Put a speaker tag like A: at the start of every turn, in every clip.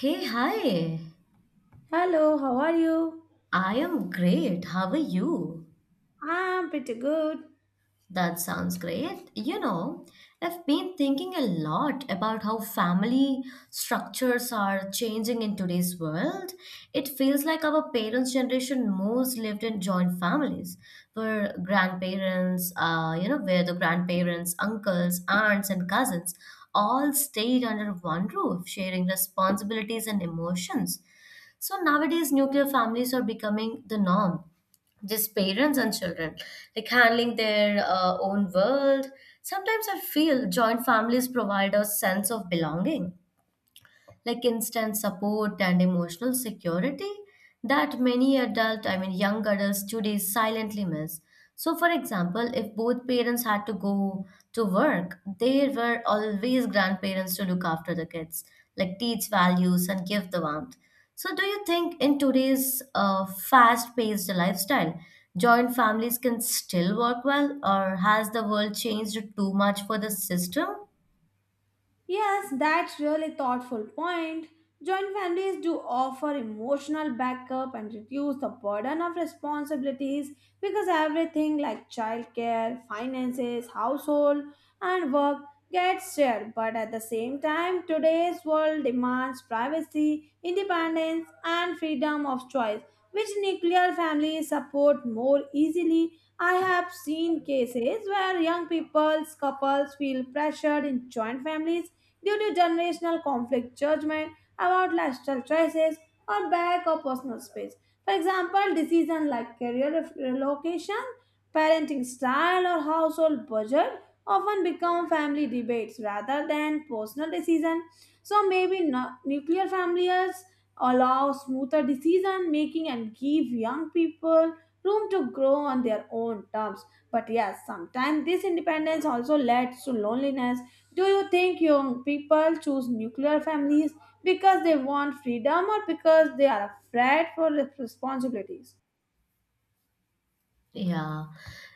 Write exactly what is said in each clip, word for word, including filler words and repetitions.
A: Hey, hi.
B: Hello, how are you?
A: I am great. How are you?
B: I'm pretty good.
A: That sounds great. You know, I've been thinking a lot about how family structures are changing in today's world. It feels like our parents' generation most lived in joint families, where grandparents, uh, you know, where the grandparents, uncles, aunts, and cousins all stayed under one roof, sharing responsibilities and emotions. So nowadays, nuclear families are becoming the norm. Just parents and children, like handling their uh, own world. Sometimes I feel joint families provide a sense of belonging, like instant support and emotional security that many adult I mean young adults today silently miss. So for example, if both parents had to go to work, there were always grandparents to look after the kids, like teach values and give the warmth. So do you think in today's uh, fast paced lifestyle joint families can still work well, or has the world changed too much for the system?
B: Yes, that's really thoughtful point. Joint families do offer emotional backup and reduce the burden of responsibilities because everything like childcare, finances, household, and work gets shared. But at the same time, today's world demands privacy, independence, and freedom of choice, which nuclear families support more easily. I have seen cases where young people's couples feel pressured in joint families due to generational conflict, judgment about lifestyle choices, or lack of personal space. For example, decisions like career ref- relocation, parenting style, or household budget often become family debates rather than personal decisions. So maybe nu- nuclear families allow smoother decision making and give young people room to grow on their own terms. But yes, sometimes this independence also leads to loneliness. Do you think young people choose nuclear families because they want freedom or because they are afraid for responsibilities?
A: Yeah.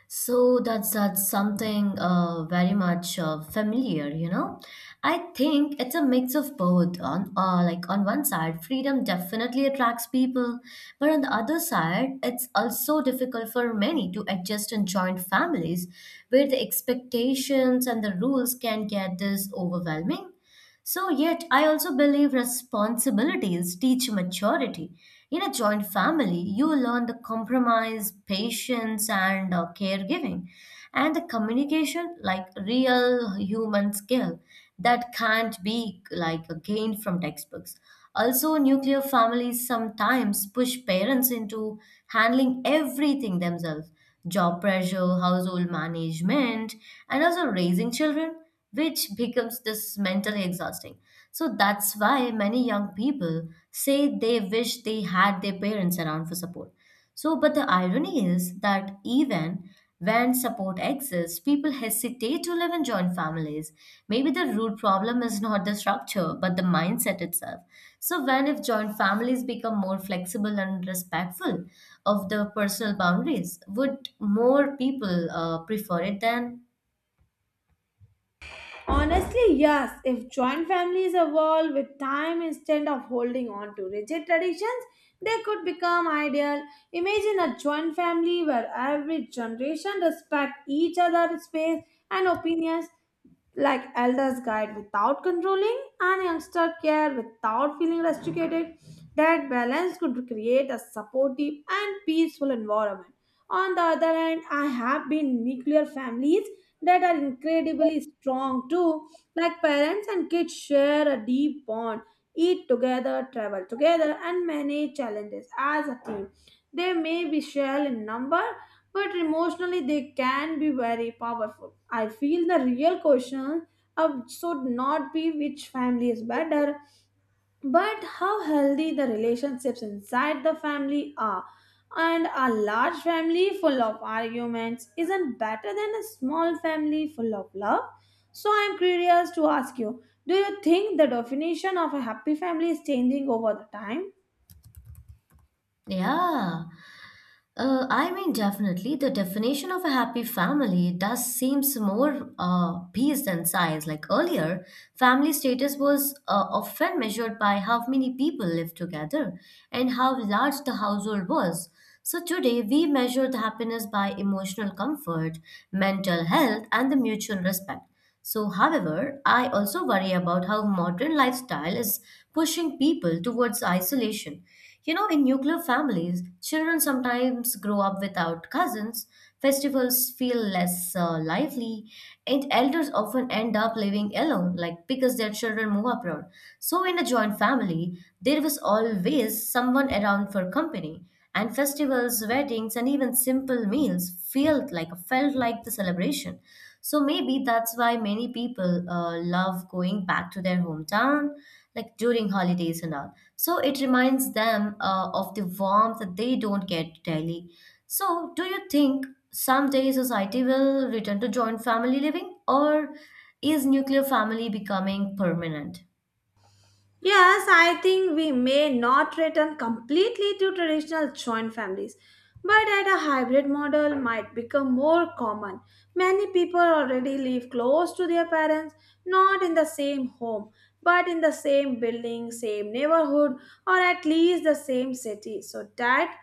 A: So that's that's something uh, very much uh, familiar, you know. I think it's a mix of both. On uh, like on one side, freedom definitely attracts people, but on the other side, it's also difficult for many to adjust and join families where the expectations and the rules can get this overwhelming. So, yet, I also believe responsibilities teach maturity. In a joint family, you learn the compromise, patience, and uh, caregiving, and the communication, like real human skill that can't be like gained from textbooks. Also, nuclear families sometimes push parents into handling everything themselves, job pressure, household management, and also raising children, which becomes this mentally exhausting. So that's why many young people say they wish they had their parents around for support. So, but the irony is that even when support exists, people hesitate to live in joint families. Maybe the root problem is not the structure, but the mindset itself. So, when if joint families become more flexible and respectful of the personal boundaries, would more people uh, prefer it then?
B: Honestly, yes. If joint families evolve with time instead of holding on to rigid traditions, they could become ideal. Imagine a joint family where every generation respects each other's space and opinions, like elders guide without controlling and youngster care without feeling restricted. That balance could create a supportive and peaceful environment. On the other hand, I have been nuclear families that are incredibly strong too, like parents and kids share a deep bond, eat together, travel together, and manage challenges as a team. They may be shared in number, but emotionally they can be very powerful. I feel the real question uh, should not be which family is better, but how healthy the relationships inside the family are. And a large family full of arguments isn't better than a small family full of love. So I'm curious to ask you, do you think the definition of a happy family is changing over the time?
A: Yeah. Uh, I mean, definitely, the definition of a happy family does seems more uh, peace than size. Like earlier, family status was uh, often measured by how many people lived together and how large the household was. So today, we measure the happiness by emotional comfort, mental health, and the mutual respect. So, however, I also worry about how modern lifestyle is pushing people towards isolation. You know, in nuclear families, children sometimes grow up without cousins, festivals feel less uh, lively, and elders often end up living alone, like because their children move abroad. So, in a joint family, there was always someone around for company, and festivals, weddings, and even simple meals felt like felt like the celebration. So maybe that's why many people uh, love going back to their hometown, like during holidays and all. So it reminds them uh, of the warmth that they don't get daily. So do you think someday society will return to joint family living, or is nuclear family becoming permanent?
B: Yes, I think we may not return completely to traditional joint families, but at a hybrid model might become more common. Many people already live close to their parents, not in the same home, but in the same building, same neighborhood, or at least the same city. So that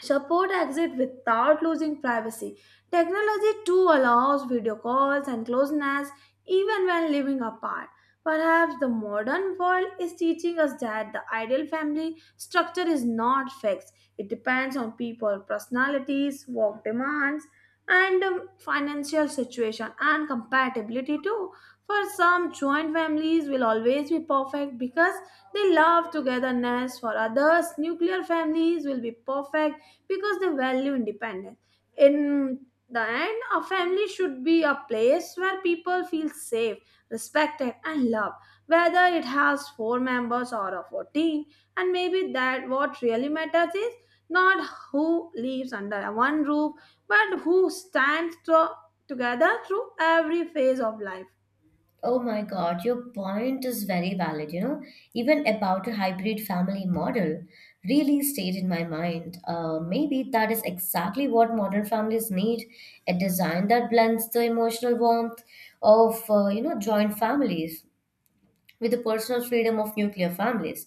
B: support exit without losing privacy. Technology too allows video calls and closeness even when living apart. Perhaps the modern world is teaching us that the ideal family structure is not fixed. It depends on people, personalities, work demands, and um, financial situation and compatibility too. For some, joint families will always be perfect because they love togetherness. For others, nuclear families will be perfect because they value independence. In the end, a family should be a place where people feel safe, respected, and loved, whether it has four members or a fourteen. And maybe that what really matters is not who lives under one roof, but who stands to- together through every phase of life.
A: Oh my God, your point is very valid, you know. Even about a hybrid family model really stayed in my mind. Uh, maybe that is exactly what modern families need, a design that blends the emotional warmth of, uh, you know, joint families with the personal freedom of nuclear families.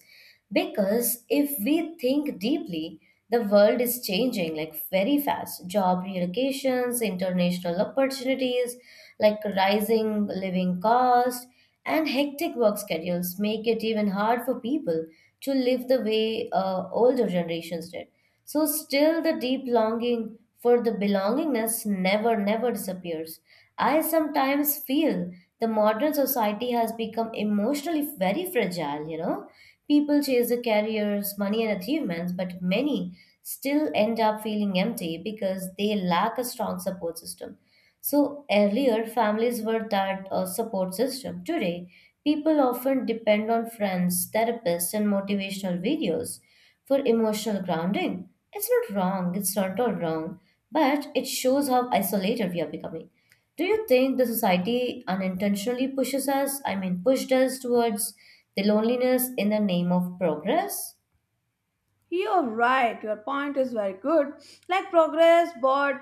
A: Because if we think deeply, the world is changing like very fast. Job relocations, international opportunities, like rising living cost, and hectic work schedules make it even hard for people to live the way uh, older generations did. So still the deep longing for the belongingness never, never disappears. I sometimes feel the modern society has become emotionally very fragile, you know. People chase the careers, money and achievements, but many still end up feeling empty because they lack a strong support system. So earlier, families were that uh, support system. Today, people often depend on friends, therapists, and motivational videos for emotional grounding. It's not wrong, it's not all wrong, but it shows how isolated we are becoming. Do you think the society unintentionally pushes us, I mean, pushed us towards the loneliness in the name of progress?
B: You're right. Your point is very good. Like progress, but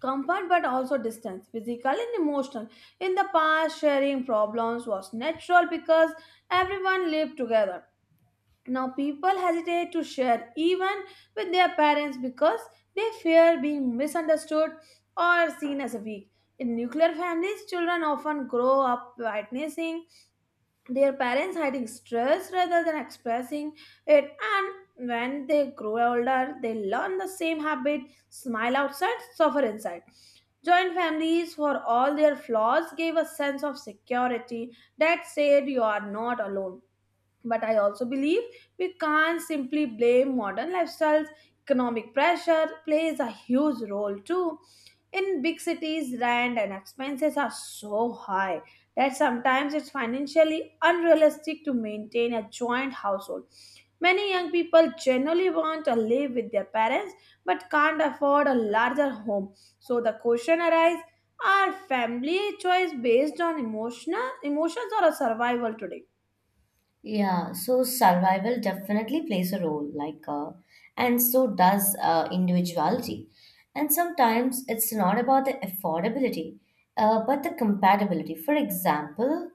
B: comfort, but also distance, physical and emotional. In the past, sharing problems was natural because everyone lived together. Now people hesitate to share even with their parents because they fear being misunderstood or seen as weak. In nuclear families, children often grow up witnessing their parents hiding stress rather than expressing it, and when they grow older they learn the same habit, smile outside, suffer inside. Joint families, for all their flaws, gave a sense of security that said you are not alone. But I also believe we can't simply blame modern lifestyles. Economic pressure plays a huge role too. In big cities, rent and expenses are so high that sometimes it's financially unrealistic to maintain a joint household. Many young people generally want to live with their parents but can't afford a larger home. So the question arises, are family choice based on emotional emotions or a survival today?
A: Yeah, so survival definitely plays a role, like, uh, and so does uh, individuality. And sometimes it's not about the affordability, uh, but the compatibility. For example,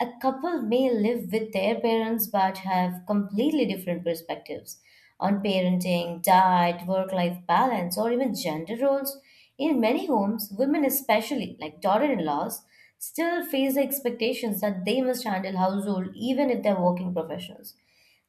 A: a couple may live with their parents but have completely different perspectives on parenting, diet, work life balance, or even gender roles. In many homes, women, especially like daughter in laws, still face the expectations that they must handle household even if they're working professionals.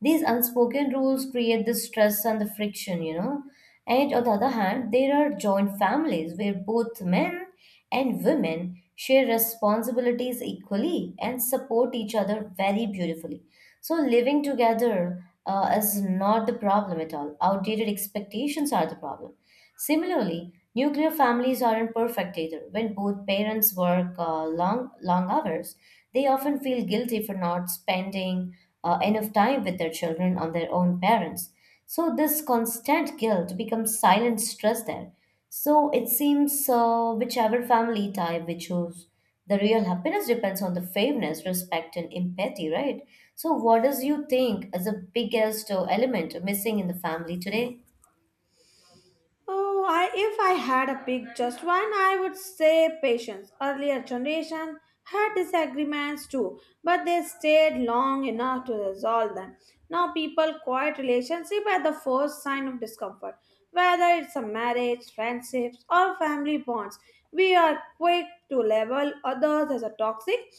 A: These unspoken rules create the stress and the friction, you know. And on the other hand, there are joint families where both men and women share responsibilities equally and support each other very beautifully. So, living together uh, is not the problem at all. Outdated expectations are the problem. Similarly, nuclear families aren't perfect either. When both parents work uh, long, long hours, they often feel guilty for not spending uh, enough time with their children on their own parents. So, this constant guilt becomes silent stress there. So, it seems uh, whichever family type we choose, the real happiness depends on the fairness, respect, and empathy, right? So, what does you think is the biggest uh, element missing in the family today?
B: Oh, I, if I had a pick just one, I would say patience. Earlier generation had disagreements too, but they stayed long enough to resolve them. Now people quiet relationship at the first sign of discomfort. Whether it's a marriage, friendships, or family bonds, we are quick to label others as a toxic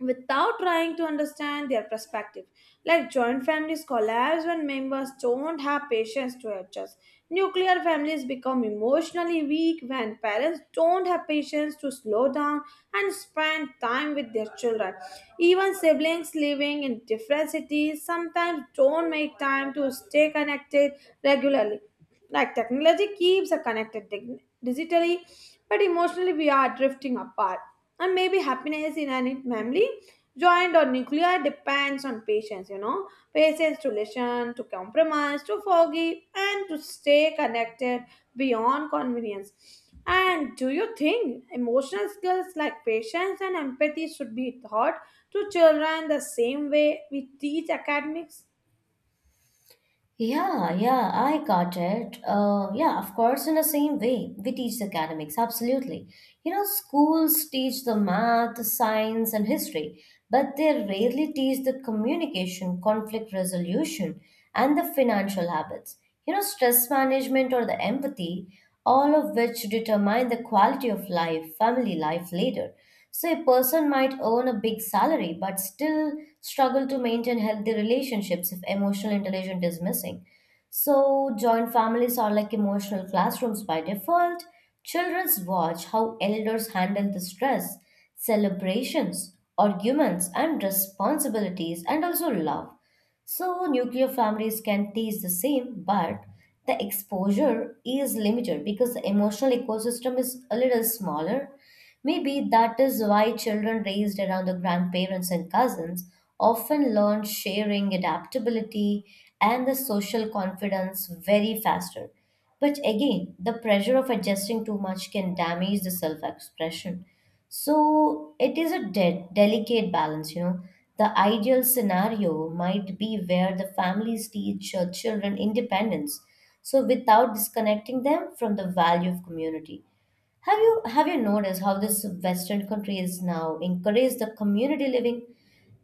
B: without trying to understand their perspective. Like joint families collapse when members don't have patience to adjust. Nuclear families become emotionally weak when parents don't have patience to slow down and spend time with their children. Even siblings living in different cities sometimes don't make time to stay connected regularly, like technology keeps us connected dig- digitally, but emotionally we are drifting apart. And maybe happiness in an family, joint or nuclear, depends on patience, you know. Patience to listen, to compromise, to forgive, and to stay connected beyond convenience. And do you think emotional skills like patience and empathy should be taught to children the same way we teach academics?
A: Yeah, yeah, I got it. Uh, yeah, of course, in the same way, we teach the academics, absolutely. You know, schools teach the math, science, and history, but they rarely teach the communication, conflict resolution, and the financial habits. You know, stress management or the empathy, all of which determine the quality of life, family life later. So, a person might earn a big salary but still struggle to maintain healthy relationships if emotional intelligence is missing. So, joint families are like emotional classrooms by default. Childrens watch how elders handle the stress, celebrations, arguments, and responsibilities, and also love. So nuclear families can teach the same, but the exposure is limited because the emotional ecosystem is a little smaller. Maybe that is why children raised around the grandparents and cousins often learn sharing, adaptability, and the social confidence very faster. But again, the pressure of adjusting too much can damage the self expression. So it is a de- delicate balance, you know. The ideal scenario might be where the families teach uh, children independence, so without disconnecting them from the value of community. Have you have you noticed how this Western countries now encourage the community living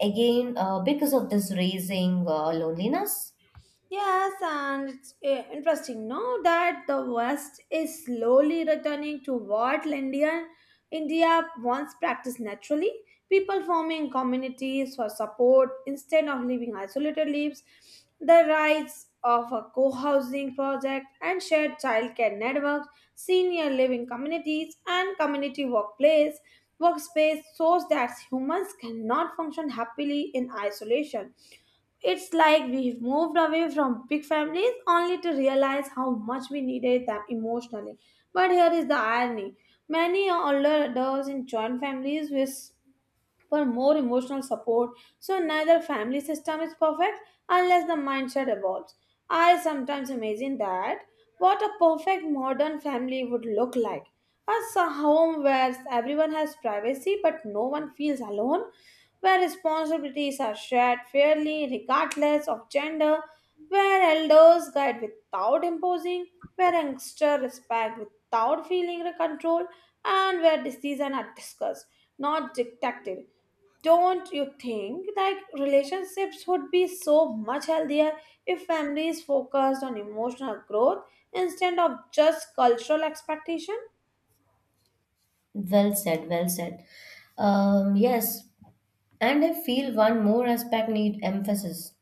A: again uh, because of this raising uh, loneliness?
B: Yes, and it's uh, interesting, no, that the West is slowly returning to what Indian India once practiced naturally. People forming communities for support instead of living isolated lives, the rise of a co-housing project and shared childcare networks, senior living communities, and community workplace workspace shows that humans cannot function happily in isolation. It's like we've moved away from big families only to realize how much we needed them emotionally. But here is the irony, many older adults in joint families with for more emotional support. So neither family system is perfect unless the mindset evolves. I sometimes imagine that what a perfect modern family would look like. As a home where everyone has privacy but no one feels alone, where responsibilities are shared fairly regardless of gender, where elders guide without imposing, where youngsters respect without feeling controlled, and where decisions are discussed, not dictated. Don't you think that relationships would be so much healthier if families focused on emotional growth instead of just cultural expectation?
A: Well said, well said. Um, yes, and I feel one more aspect need emphasis,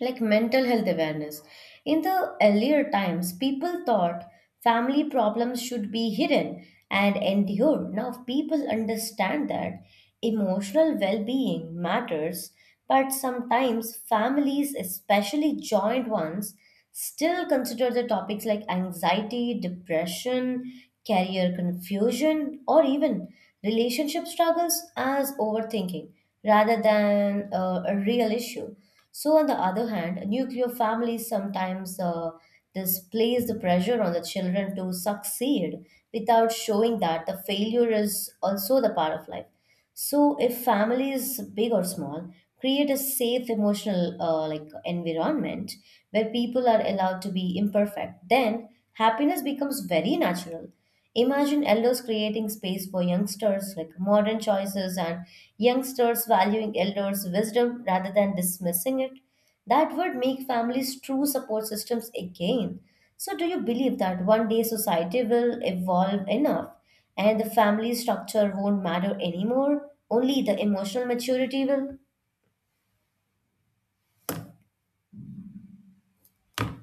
A: like mental health awareness. In the earlier times, people thought family problems should be hidden and endured. Now, people understand that emotional well being matters, but sometimes families, especially joint ones, still consider the topics like anxiety, depression, career confusion, or even relationship struggles as overthinking rather than uh, a real issue. So, on the other hand, nuclear families sometimes uh, displays the pressure on the children to succeed without showing that the failure is also the part of life. So, if families, big or small, create a safe emotional uh, like environment where people are allowed to be imperfect, then happiness becomes very natural. Imagine elders creating space for youngsters, like modern choices, and youngsters valuing elders' wisdom rather than dismissing it. That would make families true support systems again. So, do you believe that one day society will evolve enough and the family structure won't matter anymore? Only the emotional maturity will?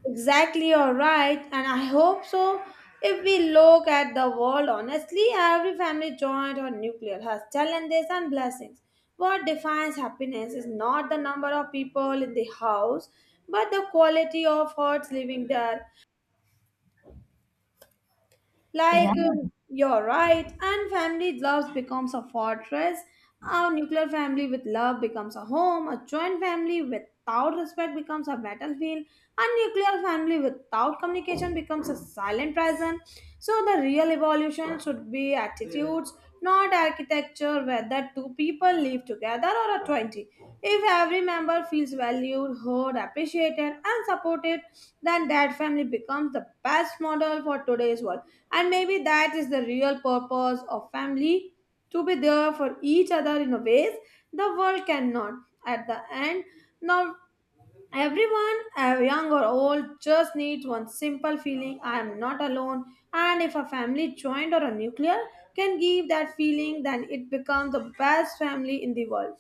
B: Exactly, you're right, and I hope so. If we look at the world honestly, every family joint or nuclear has challenges and blessings. What defines happiness is not the number of people in the house, but the quality of hearts living there.
A: Yeah.
B: Like um, you're right, and family love becomes a fortress. A nuclear family with love becomes a home. A joint family without respect becomes a battlefield. A nuclear family without communication becomes a silent prison. So the real evolution should be attitudes, not architecture. Whether two people live together or a twenty. If every member feels valued, heard, appreciated, and supported, then that family becomes the best model for today's world. And maybe that is the real purpose of family, to be there for each other in a ways the world cannot. At the end, now everyone, uh, young or old, just needs one simple feeling, I am not alone. And if a family joint or a nuclear can give that feeling, then it becomes the best family in the world.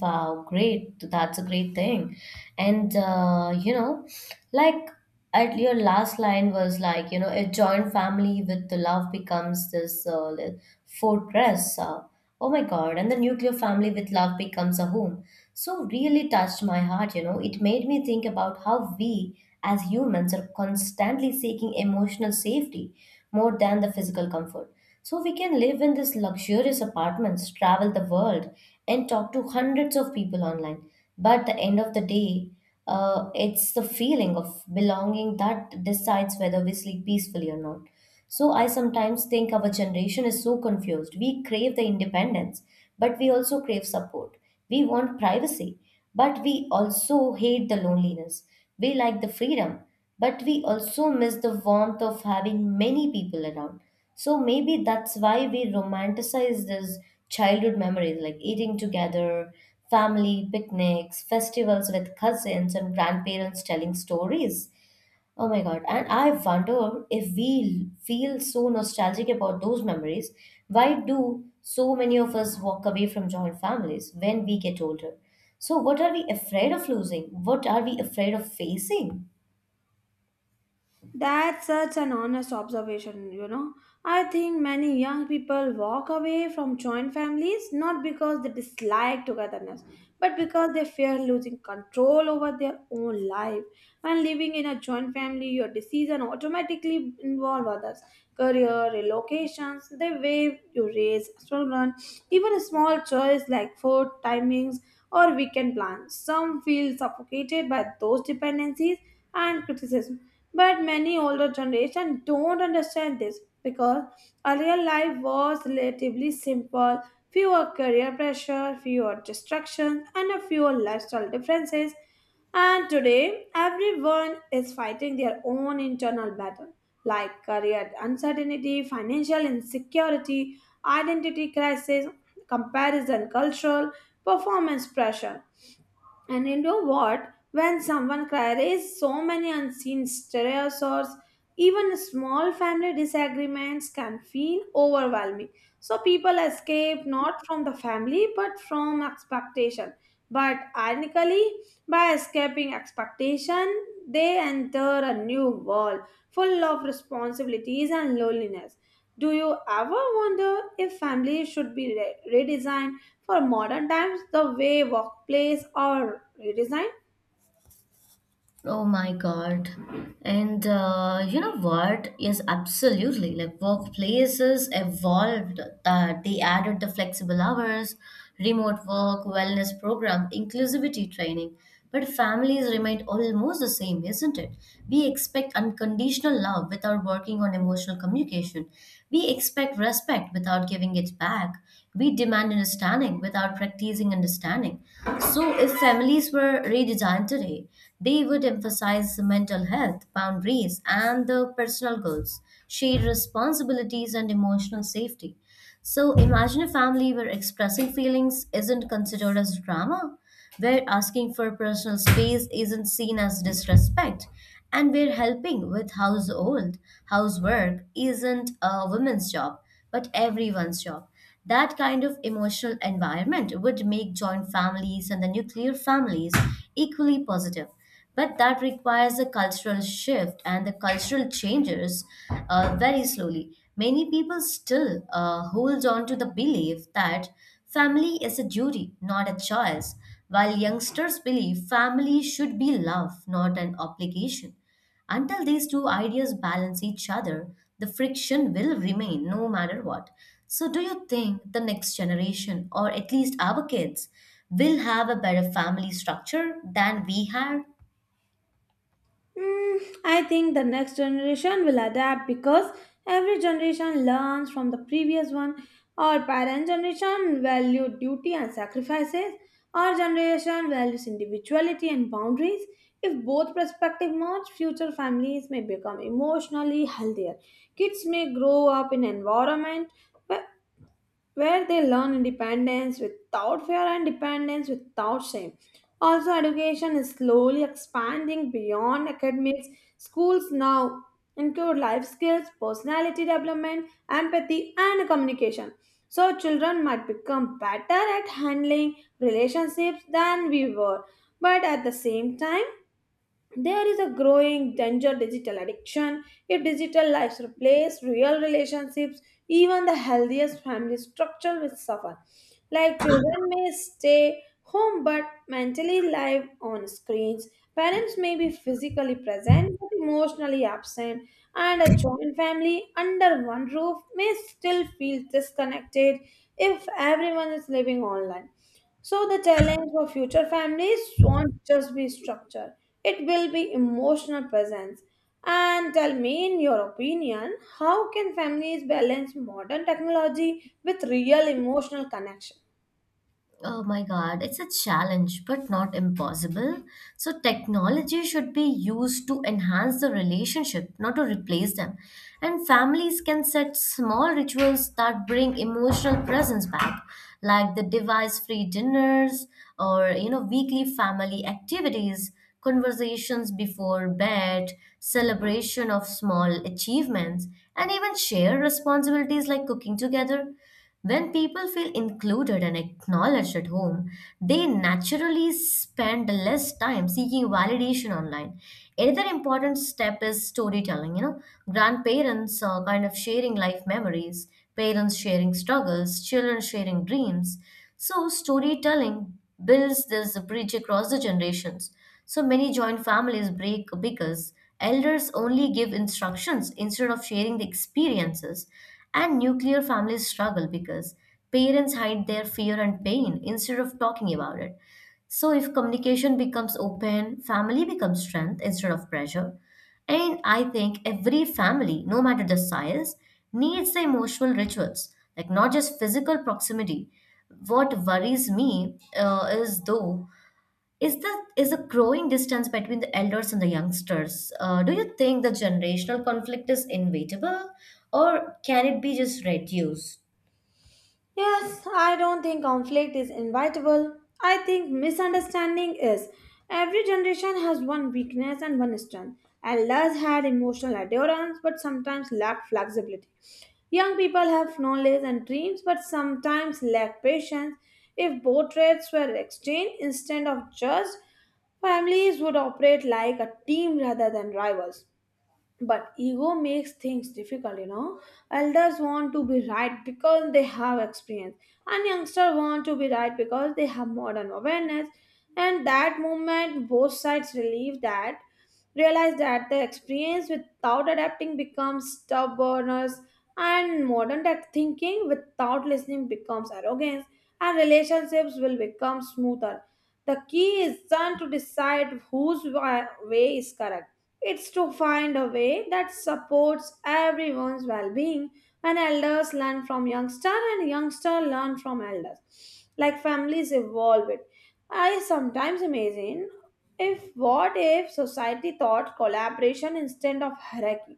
A: Wow, great. That's a great thing. And, uh, you know, like at your last line was like, you know, a joint family with the love becomes this uh, li- fortress. Uh, oh my God. And the nuclear family with love becomes a home. So, really touched my heart, you know. It made me think about how we as humans are constantly seeking emotional safety more than the physical comfort. So we can live in these luxurious apartments, travel the world, and talk to hundreds of people online. But the end of the day, uh, it's the feeling of belonging that decides whether we sleep peacefully or not. So I sometimes think our generation is so confused. We crave the independence, but we also crave support. We want privacy, but we also hate the loneliness. We like the freedom, but we also miss the warmth of having many people around. So maybe that's why we romanticize these childhood memories, like eating together, family picnics, festivals with cousins and grandparents telling stories. Oh my god, and I wonder if we feel so nostalgic about those memories, why do so many of us walk away from joint families when we get older? So, what are we afraid of losing? What are we afraid of facing?
B: That's such an honest observation, you know. I think many young people walk away from joint families not because they dislike togetherness, but because they fear losing control over their own life. When living in a joint family, your decisions automatically involve others. Career, relocations, the way you raise children, even small choices like food, timings, or weekend plans. Some feel suffocated by those dependencies and criticism, but many older generation don't understand this because earlier life was relatively simple, fewer career pressure, fewer distractions, and a fewer lifestyle differences. And today, everyone is fighting their own internal battle, like career uncertainty, financial insecurity, identity crisis, comparison cultural, performance pressure. And you know what? When someone carries so many unseen stressors. Even small family disagreements can feel overwhelming. So people escape not from the family but from expectation. But ironically, by escaping expectation, they enter a new world full of responsibilities and loneliness. Do you ever wonder if families should be re- redesigned for modern times the way workplace are redesigned?
A: Oh my God. And uh, you know what? Yes, absolutely. Like workplaces evolved. Uh, they added the flexible hours, remote work, wellness program, inclusivity training. But families remain almost the same, isn't it? We expect unconditional love without working on emotional communication. We expect respect without giving it back. We demand understanding without practicing increasing understanding. So, if families were redesigned today, they would emphasize mental health, boundaries, and the personal goals, shared responsibilities, and emotional safety. So, imagine a family where expressing feelings isn't considered as drama where asking for personal space isn't seen as disrespect, and where helping with household housework isn't a woman's job but everyone's job. That kind of emotional environment would make joint families and the nuclear families equally positive but that requires a cultural shift, and the cultural changes uh, very slowly. Many people still uh, hold on to the belief that family is a duty, not a choice, while youngsters believe family should be love, not an obligation. Until these two ideas balance each other, the friction will remain no matter what. So, do you think the next generation, or at least our kids, will have a better family structure than we had?
B: Mm, I think the next generation will adapt because every generation learns from the previous one. Our parent generation valued duty and sacrifices. Our generation values individuality and boundaries. If both perspectives merge, future families may become emotionally healthier. Kids may grow up in an environment where where they learn independence without fear and dependence without shame. Also, education is slowly expanding beyond academics. Schools now include life skills, personality development, empathy, and communication. So, children might become better at handling relationships than we were, but at the same time, there is a growing danger digital addiction. If digital lives replace real relationships, even the healthiest family structure will suffer. Like children may stay home but mentally live on screens. Parents may be physically present but emotionally absent, and a joint family under one roof may still feel disconnected if everyone is living online. So the challenge for future families won't just be structure, it will be emotional presence. And tell me, in your opinion, how can families balance modern technology with real emotional connection?
A: Oh my God, it's a challenge, but not impossible. So, technology should be used to enhance the relationship, not to replace them. And families can set small rituals that bring emotional presence back, like the device-free dinners or, you know, weekly family activities, conversations before bed, celebration of small achievements, and even share responsibilities like cooking together. When people feel included and acknowledged at home, they naturally spend less time seeking validation online. Another important step is storytelling. You know, grandparents are kind of sharing life memories, parents sharing struggles, children sharing dreams. So, storytelling builds this bridge across the generations. So many joint families break because elders only give instructions instead of sharing the experiences, and nuclear families struggle because parents hide their fear and pain instead of talking about it. So, if communication becomes open, family becomes strength instead of pressure. And I think every family, no matter the size, needs the emotional rituals, like not just physical proximity. What worries me uh, is though is the is a growing distance between the elders and the youngsters. Uh, do you think the generational conflict is inevitable, or can it be just reduced?
B: Yes, I don't think conflict is inevitable. I think misunderstanding is. Every generation has one weakness and one strength. Elders had emotional endurance but sometimes lacked flexibility. Young people have knowledge and dreams but sometimes lack patience. If both traits were exchanged instead of just, families would operate like a team rather than rivals, but ego makes things difficult you know Elders want to be right because they have experience, and youngsters want to be right because they have modern awareness. And that movement, both sides relieve that realize that the experience without adapting becomes stubbornness, and modern tech thinking without listening becomes arrogance, and relationships will become smoother. The key isn't to decide whose wa- way is correct. It's to find a way that supports everyone's well-being, and elders learn from youngster and youngster learn from elders. Like families evolve it. I sometimes imagine, if what if society taught collaboration instead of hierarchy?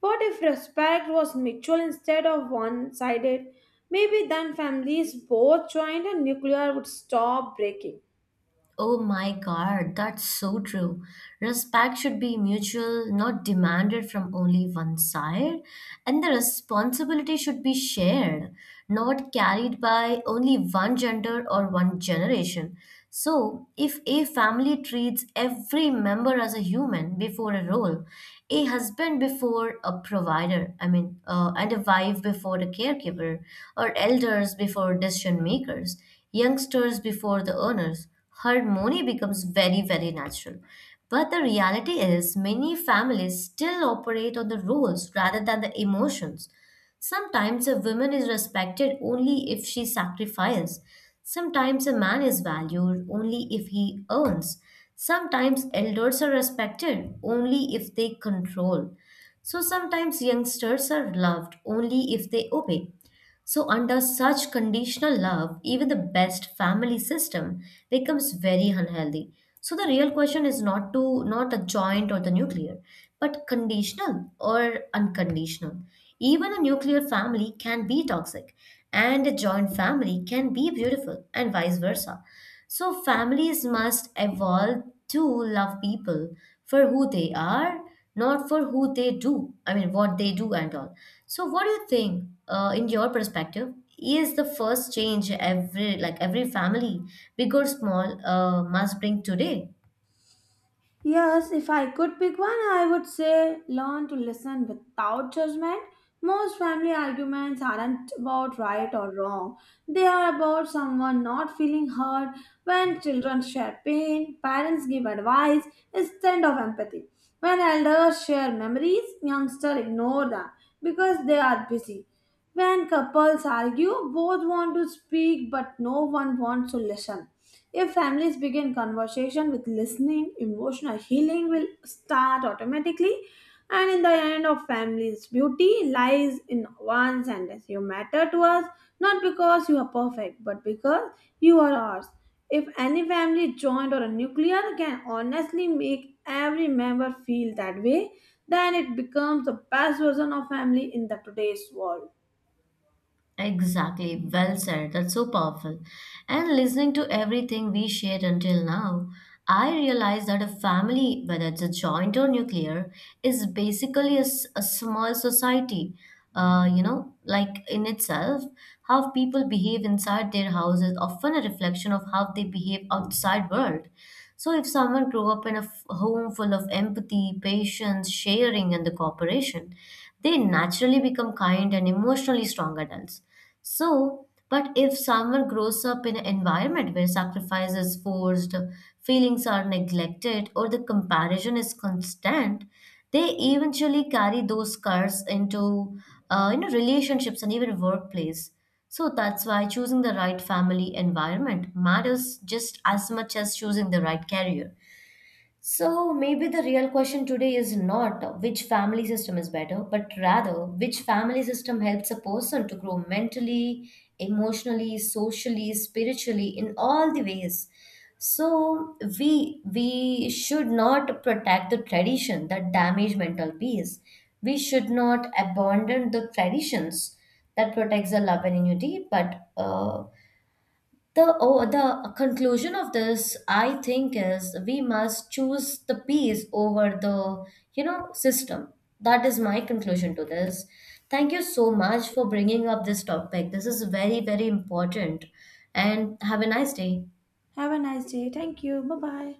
B: What if respect was mutual instead of one-sided? Maybe then families both joined and nuclear would stop breaking.
A: Oh my God, that's so true. Respect should be mutual, not demanded from only one side. And the responsibility should be shared, not carried by only one gender or one generation. So, if a family treats every member as a human before a role, a husband before a provider, I mean, uh, and a wife before a caregiver, or elders before decision makers, youngsters before the earners, harmony becomes very, very natural. But the reality is, many families still operate on the rules rather than the emotions. Sometimes a woman is respected only if she sacrifices. Sometimes a man is valued only if he earns. Sometimes elders are respected only if they control. So sometimes youngsters are loved only if they obey. So, under such conditional love, even the best family system becomes very unhealthy. So, the real question is not to not the joint or the nuclear, but conditional or unconditional. Even a nuclear family can be toxic, and a joint family can be beautiful, and vice versa. So, families must evolve to love people for who they are not for who they do, I mean, what they do and all. So, what do you think, uh, in your perspective, is the first change every like every family, big or small, uh, must bring today?
B: Yes, if I could pick one, I would say learn to listen without judgment. Most family arguments aren't about right or wrong. They are about someone not feeling heard. When children share pain, parents give advice instead of empathy. When elders share memories, youngsters ignore them because they are busy. When couples argue, both want to speak but no one wants to listen. If families begin conversation with listening, emotional healing will start automatically. And in the end of families, beauty lies in one sentence. You matter to us, not because you are perfect, but because you are ours. If any family joint or a nuclear can honestly make every member feel that way, then it becomes the best version of family in the today's world.
A: Exactly, well said. That's so powerful. And listening to everything we shared until now, I realized that a family, whether it's a joint or nuclear, is basically a, s- a small society, uh, you know, like in itself. How people behave inside their house is often a reflection of how they behave outside world. So if someone grew up in a f- home full of empathy, patience, sharing, and the cooperation, they naturally become kind and emotionally strong adults. So, but if someone grows up in an environment where sacrifice is forced, feelings are neglected, or the comparison is constant, they eventually carry those scars into uh, you know relationships and even workplace. So that's why choosing the right family environment matters just as much as choosing the right career. So maybe the real question today is not which family system is better, but rather which family system helps a person to grow mentally, emotionally, socially, spiritually in all the ways. So we we should not protect the tradition that damage mental peace. We should not abandon the traditions that protects the love and unity, but uh, the, oh, the conclusion of this, I think, is we must choose the peace over the, you know, system. That is my conclusion to this. Thank you so much for bringing up this topic. This is very, very important. And have a nice day.
B: Have a nice day. Thank you. Bye bye.